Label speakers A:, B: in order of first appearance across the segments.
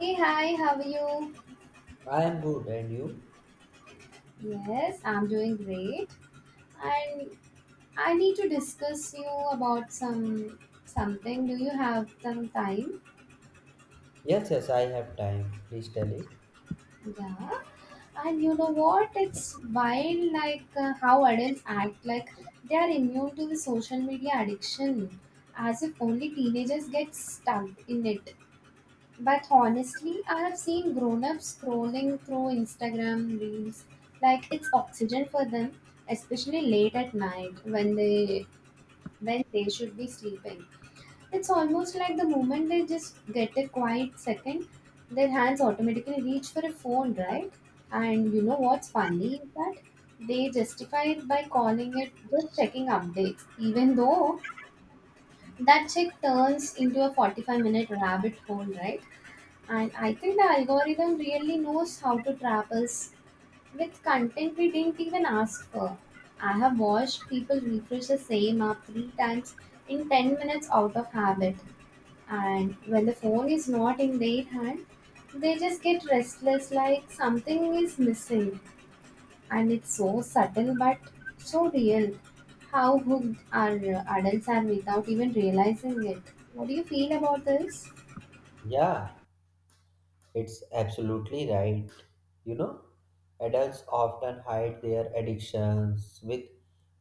A: Hey, hi, how are you?
B: I am good, and you?
A: Yes, I'm doing great. And I need to discuss you about something. Do you have some time?
B: Yes, yes, I have time. Please tell it.
A: Yeah. And you know what? It's wild like how adults act like they are immune to the social media addiction as if only teenagers get stuck in it. But honestly, I have seen grown ups scrolling through Instagram reels like it's oxygen for them, especially late at night when they should be sleeping. It's almost like the moment they just get a quiet second, their hands automatically reach for a phone, right? And you know what's funny is that they justify it by calling it just checking updates, even though that check turns into a 45-minute rabbit hole, right? And I think the algorithm really knows how to trap us with content we didn't even ask for. I have watched people refresh the same app three times in 10 minutes out of habit. And when the phone is not in their hand, they just get restless like something is missing. And it's so subtle but so real. How hooked our adults are without even realizing it. What do you feel about this?
B: Yeah, it's absolutely right. You know, adults often hide their addictions with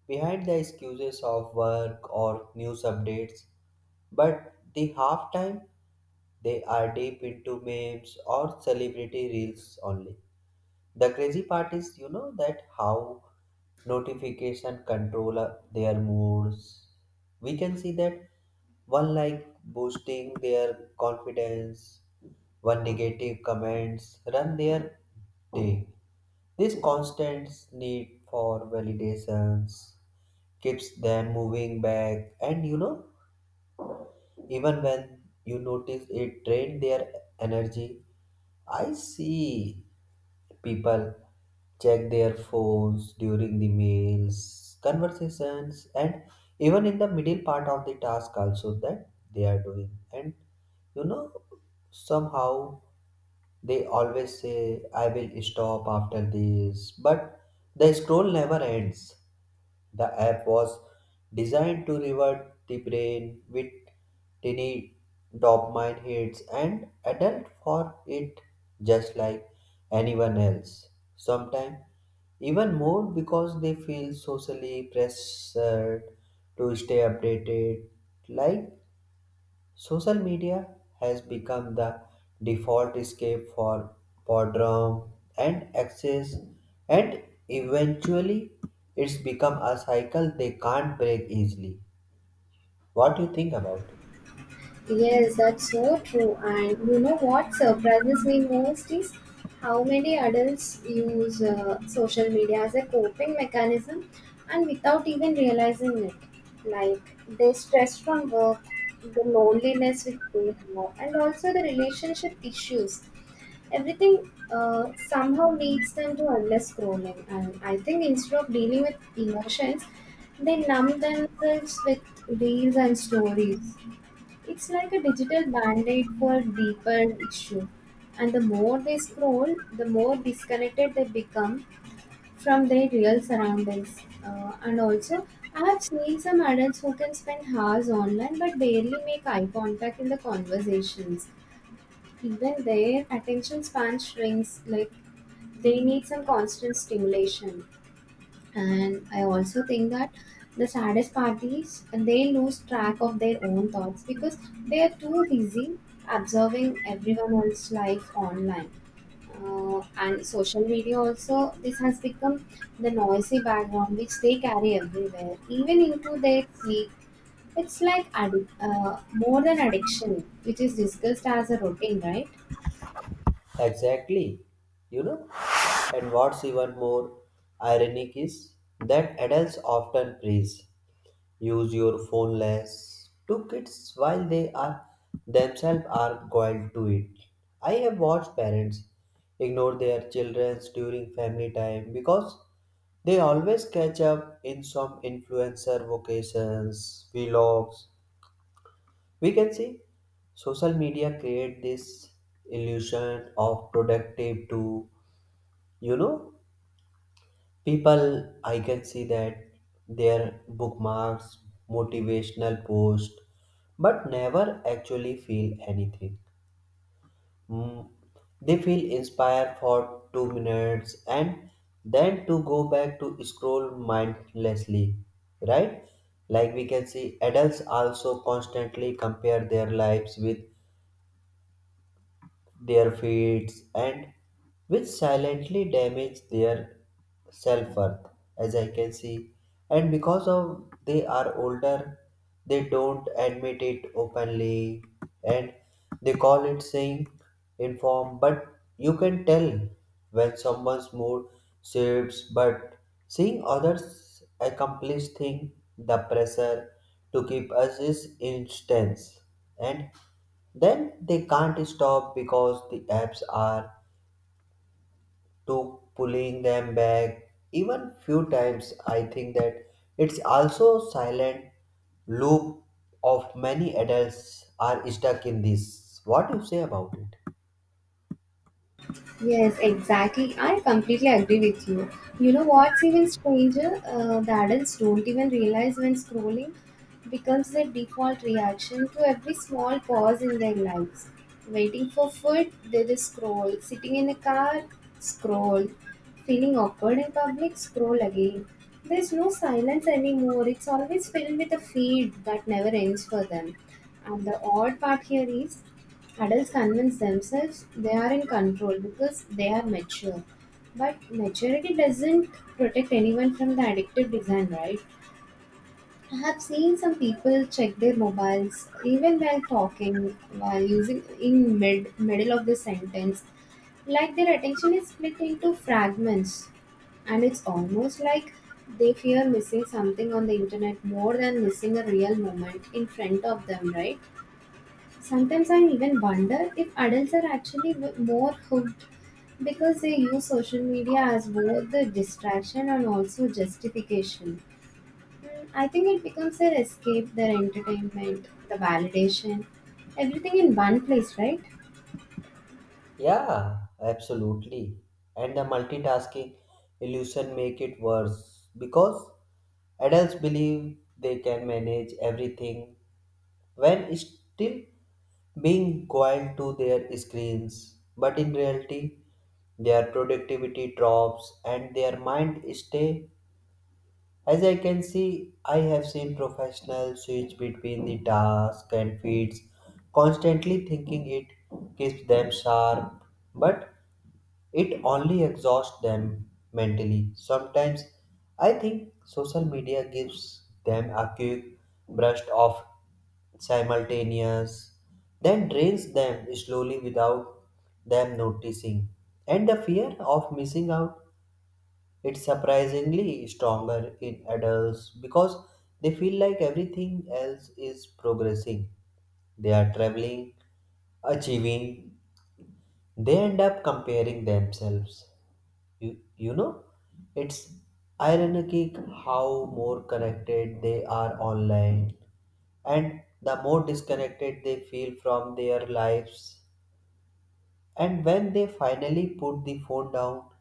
B: behind the excuses of work or news updates, but the half time they are deep into memes or celebrity reels only. The crazy part is, that how notification control their moods. We can see that one like boosting their confidence, one negative comments run their day. This constant need for validations keeps them moving back, and even when you notice it drain their energy. I see people check their phones during the meals, conversations, and even in the middle part of the task also that they are doing. And you know, somehow they always say, I will stop after this, but the scroll never ends. The app was designed to reward the brain with tiny dopamine hits and adult for it just like anyone else. Sometimes even more because they feel socially pressured to stay updated. Like social media has become the default escape for boredom and excess, and eventually it's become a cycle they can't break easily. What do you think about it?
A: Yes, that's so true. And you know what surprises me most is how many adults use social media as a coping mechanism and without even realizing it. Like the stress from work, the loneliness with people, and also the relationship issues. Everything somehow leads them to endless scrolling. And I think instead of dealing with emotions, they numb themselves with reels and stories. It's like a digital band-aid for deeper issue. And the more they scroll, the more disconnected they become from their real surroundings. And also, I have seen some adults who can spend hours online but barely make eye contact in the conversations. Even their attention span shrinks, like they need some constant stimulation. And I also think that the saddest part is they lose track of their own thoughts because they are too busy observing everyone else's life online. And social media also, this has become the noisy background which they carry everywhere, even into their sleep. It's like more than addiction, which is discussed as a routine, right?
B: Exactly. You know? And what's even more ironic is that adults often praise use your phone less to kids while they are themselves are guiled to it. I have watched parents ignore their children during family time because they always catch up in some influencer vocations, vlogs. We can see social media create this illusion of productive too. You know, people I can see that their bookmarks motivational posts but never actually feel anything. Mm, they feel inspired for 2 minutes and then to go back to scroll mindlessly, right. Like we can see adults also constantly compare their lives with their feeds and which silently damage their self-worth, as I can see. And because of they are older, they don't admit it openly, and they call it saying inform, but you can tell when someone's mood shifts but seeing others accomplish thing. The pressure to keep us is intense, and then they can't stop because the apps are to pulling them back. Even few times I think that it's also silent loop of many adults are stuck in this. What you say about it?
A: Yes, exactly. I completely agree with you. You know what's even stranger? The adults don't even realize when scrolling becomes their default reaction to every small pause in their lives. Waiting for food, they just scroll. Sitting in a car, scroll. Feeling awkward in public, scroll again. There's no silence anymore. It's always filled with a feed that never ends for them. And the odd part here is, adults convince themselves they are in control because they are mature. But maturity doesn't protect anyone from the addictive design, right? I have seen some people check their mobiles even while talking, while using in middle of the sentence, like their attention is split into fragments, and it's almost like they fear missing something on the internet more than missing a real moment in front of them, right? Sometimes I even wonder if adults are actually more hooked because they use social media as both the distraction and also justification. Mm, I think it becomes their escape, their entertainment, the validation, everything in one place, right?
B: Yeah, absolutely. And the multitasking illusion make it worse because adults believe they can manage everything when still being coiled to their screens, but in reality, their productivity drops and their mind stay. As I can see, I have seen professionals switch between the task and feeds, constantly thinking it keeps them sharp, but it only exhausts them mentally. Sometimes I think social media gives them a quick brush off simultaneous, then drains them slowly without them noticing. And the fear of missing out is surprisingly stronger in adults because they feel like everything else is progressing. They are traveling, achieving, they end up comparing themselves. you, you know, it's ironic how more connected they are online and the more disconnected they feel from their lives. And when they finally put the phone down,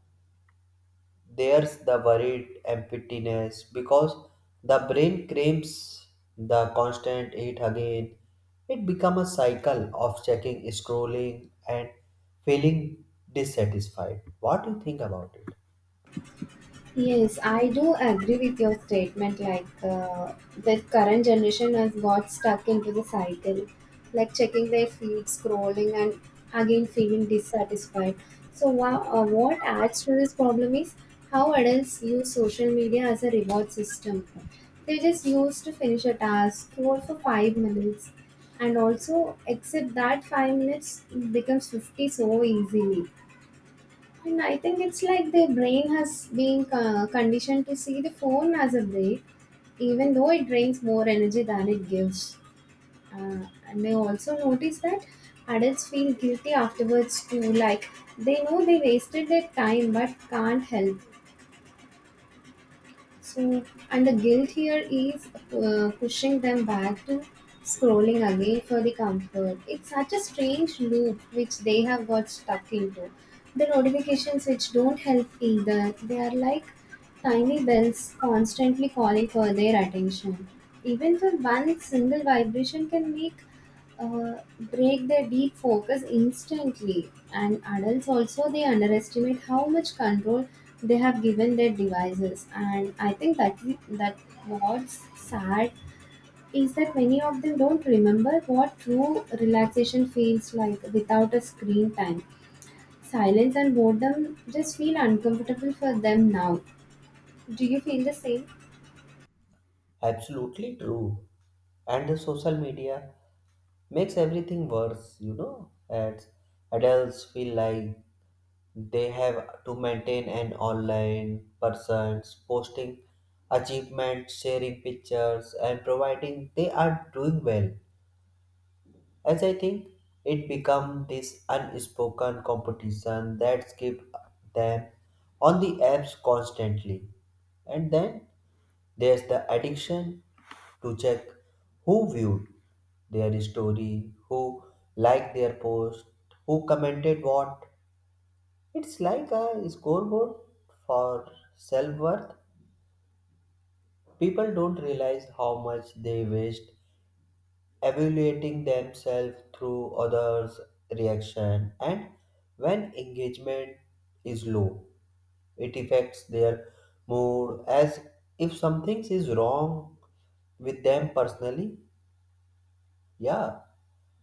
B: there's the worried emptiness because the brain craves the constant it again. It becomes a cycle of checking, scrolling, and feeling dissatisfied. What do you think about it?
A: Yes, I do agree with your statement. Like the current generation has got stuck into the cycle, like checking their feed, scrolling, and again feeling dissatisfied. So, what adds to this problem is how adults use social media as a reward system. They just use to finish a task, scroll for 5 minutes, and also accept that 5 minutes becomes 50 so easily, and I think it's like their brain has been conditioned to see the phone as a break, even though it drains more energy than it gives. And I also noticed that adults feel guilty afterwards too, like they know they wasted their time but can't help. So, and the guilt here is pushing them back to scrolling again for the comfort. It's such a strange loop which they have got stuck into. The notifications which don't help either, they are like tiny bells constantly calling for their attention. Even for one single vibration can make break their deep focus instantly, and adults also they underestimate how much control they have given their devices, and I think that what's sad is that many of them don't remember what true relaxation feels like without a screen time. Silence and boredom just feel uncomfortable for them now. Do you feel the same?
B: Absolutely true. And the social media makes everything worse, as adults feel like they have to maintain an online persons posting achievements, sharing pictures and providing they are doing well. As I think it become this unspoken competition that keep them on the apps constantly. And then there's the addiction to check who viewed their story, who liked their post, who commented what. It's like a scoreboard for self worth. People don't realize how much they waste evaluating themselves through others' reaction, and when engagement is low, it affects their mood as if something is wrong with them personally. Yeah,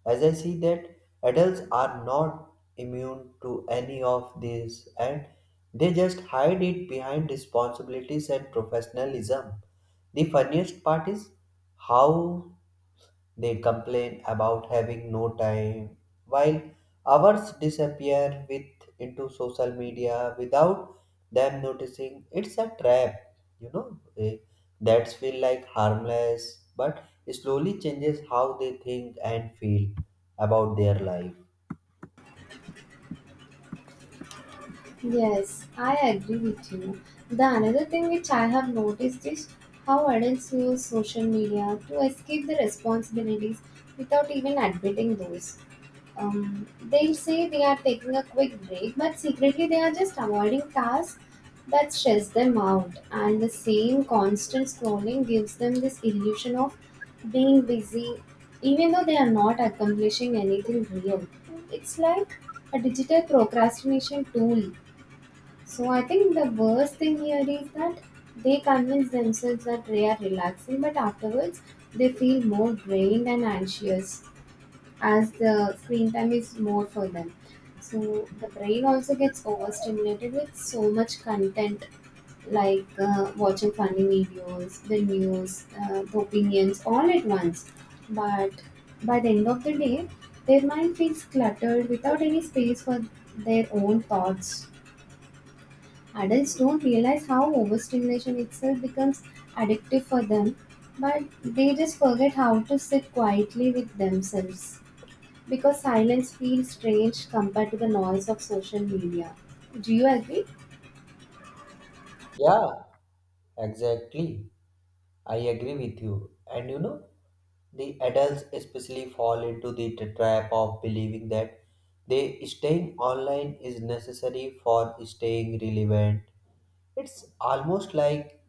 B: as I see that adults are not immune to any of this and they just hide it behind responsibilities and professionalism. The funniest part is how they complain about having no time, while hours disappear with into social media without them noticing. It's a trap, you know. That's feel like harmless, but slowly changes how they think and feel about their life.
A: Yes, I agree with you. The another thing which I have noticed is how adults use social media to escape the responsibilities without even admitting those. They say they are taking a quick break, but secretly they are just avoiding tasks that stress them out. And the same constant scrolling gives them this illusion of being busy, even though they are not accomplishing anything real. It's like a digital procrastination tool, so I think the worst thing here is that they convince themselves that they are relaxing, but afterwards they feel more drained and anxious as the screen time is more for them. So the brain also gets overstimulated with so much content like watching funny videos, the news, the opinions all at once. But by the end of the day, their mind feels cluttered without any space for their own thoughts. Adults don't realize how overstimulation itself becomes addictive for them, but they just forget how to sit quietly with themselves because silence feels strange compared to the noise of social media. Do you agree?
B: Yeah, exactly. I agree with you. And the adults especially fall into the trap of believing that they staying online is necessary for staying relevant. It's almost like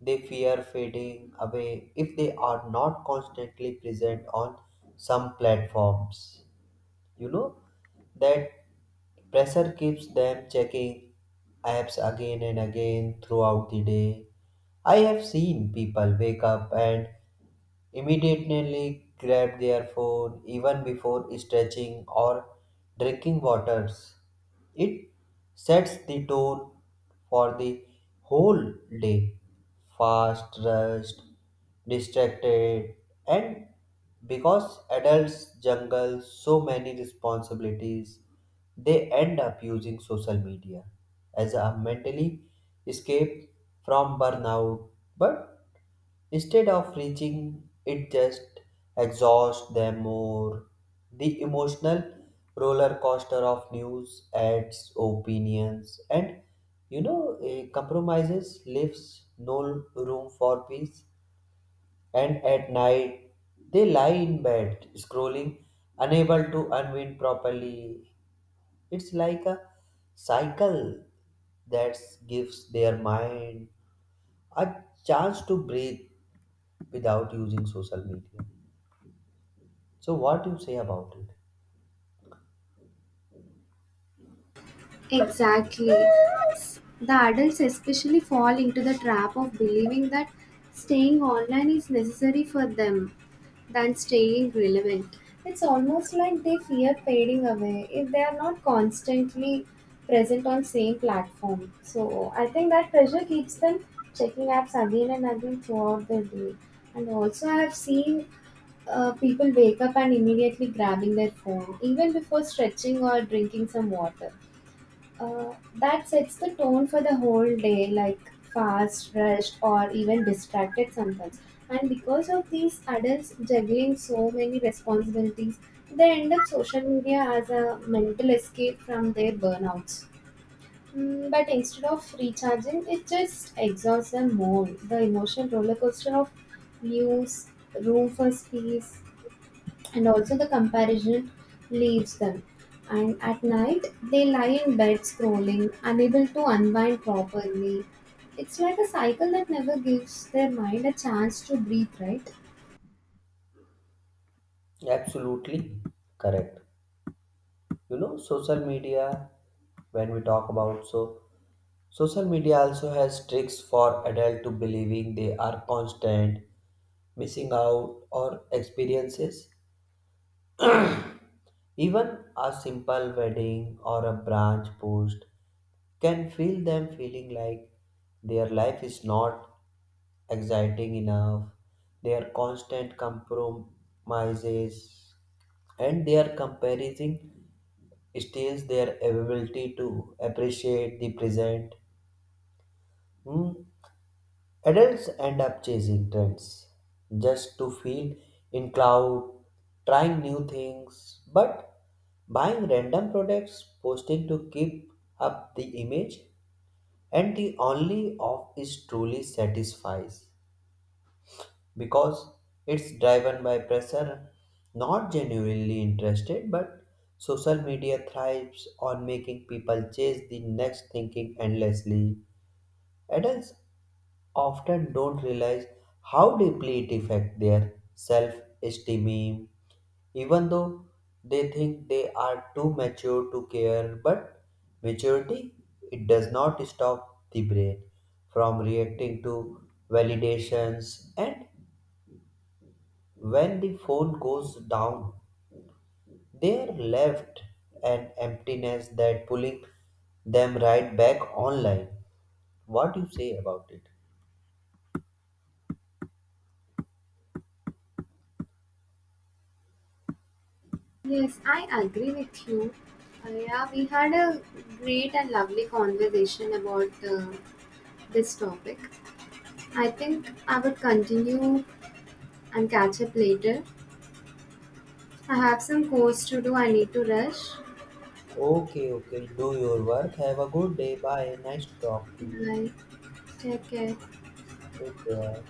B: they fear fading away if they are not constantly present on some platforms. You know that pressure keeps them checking apps again and again throughout the day. I have seen people wake up and immediately grab their phone even before stretching or drinking waters. It sets the tone for the whole day. Fast, rushed, distracted, and because adults juggle so many responsibilities, they end up using social media as a mentally escape from burnout. But instead of reaching, it just exhausts them more. The emotional roller coaster of news, ads, opinions, and compromises leaves no room for peace. And at night, they lie in bed, scrolling, unable to unwind properly. It's like a cycle that gives their mind a chance to breathe without using social media. So, what do you say about it?
A: Exactly. The adults especially fall into the trap of believing that staying online is necessary for them than staying relevant. It's almost like they fear fading away if they are not constantly present on same platform. So I think that pressure keeps them checking apps again and again throughout the day. And also I have seen people wake up and immediately grabbing their phone even before stretching or drinking some water. Uh, that sets the tone for the whole day, like fast, rushed, or even distracted sometimes. And because of these adults juggling so many responsibilities, they end up social media as a mental escape from their burnouts. Mm, but instead of recharging, it just exhausts them more. The emotional roller coaster of news, room for space, and also the comparison leaves them. And at night, they lie in bed scrolling, unable to unwind properly. It's like a cycle that never gives their mind a chance to breathe, right?
B: Absolutely correct. Social media, when we talk about so, social media also has tricks for adult to believing they are constant, missing out, or experiences. Even a simple wedding or a branch post can feel them feeling like their life is not exciting enough. Their constant compromises and their comparison steals their ability to appreciate the present. Hmm, Adults end up chasing trends just to feel in cloud, trying new things, but buying random products, posting to keep up the image, and the only off is truly satisfies. Because it's driven by pressure, not genuinely interested, but social media thrives on making people chase the next thinking endlessly. Adults often don't realize how deeply it affects their self esteem, even though they think they are too mature to care. But maturity it does not stop the brain from reacting to validations, and when the phone goes down, they are left an emptiness that pulling them right back online. What do you say about it?
A: Yes, I agree with you. Yeah, we had a great and lovely conversation about this topic. I think I would continue and catch up later. I have some course to do, I need to rush.
B: Okay, okay, do your work. Have a good day. Bye. Nice to talk to you.
A: Bye. Take care.
B: Take care.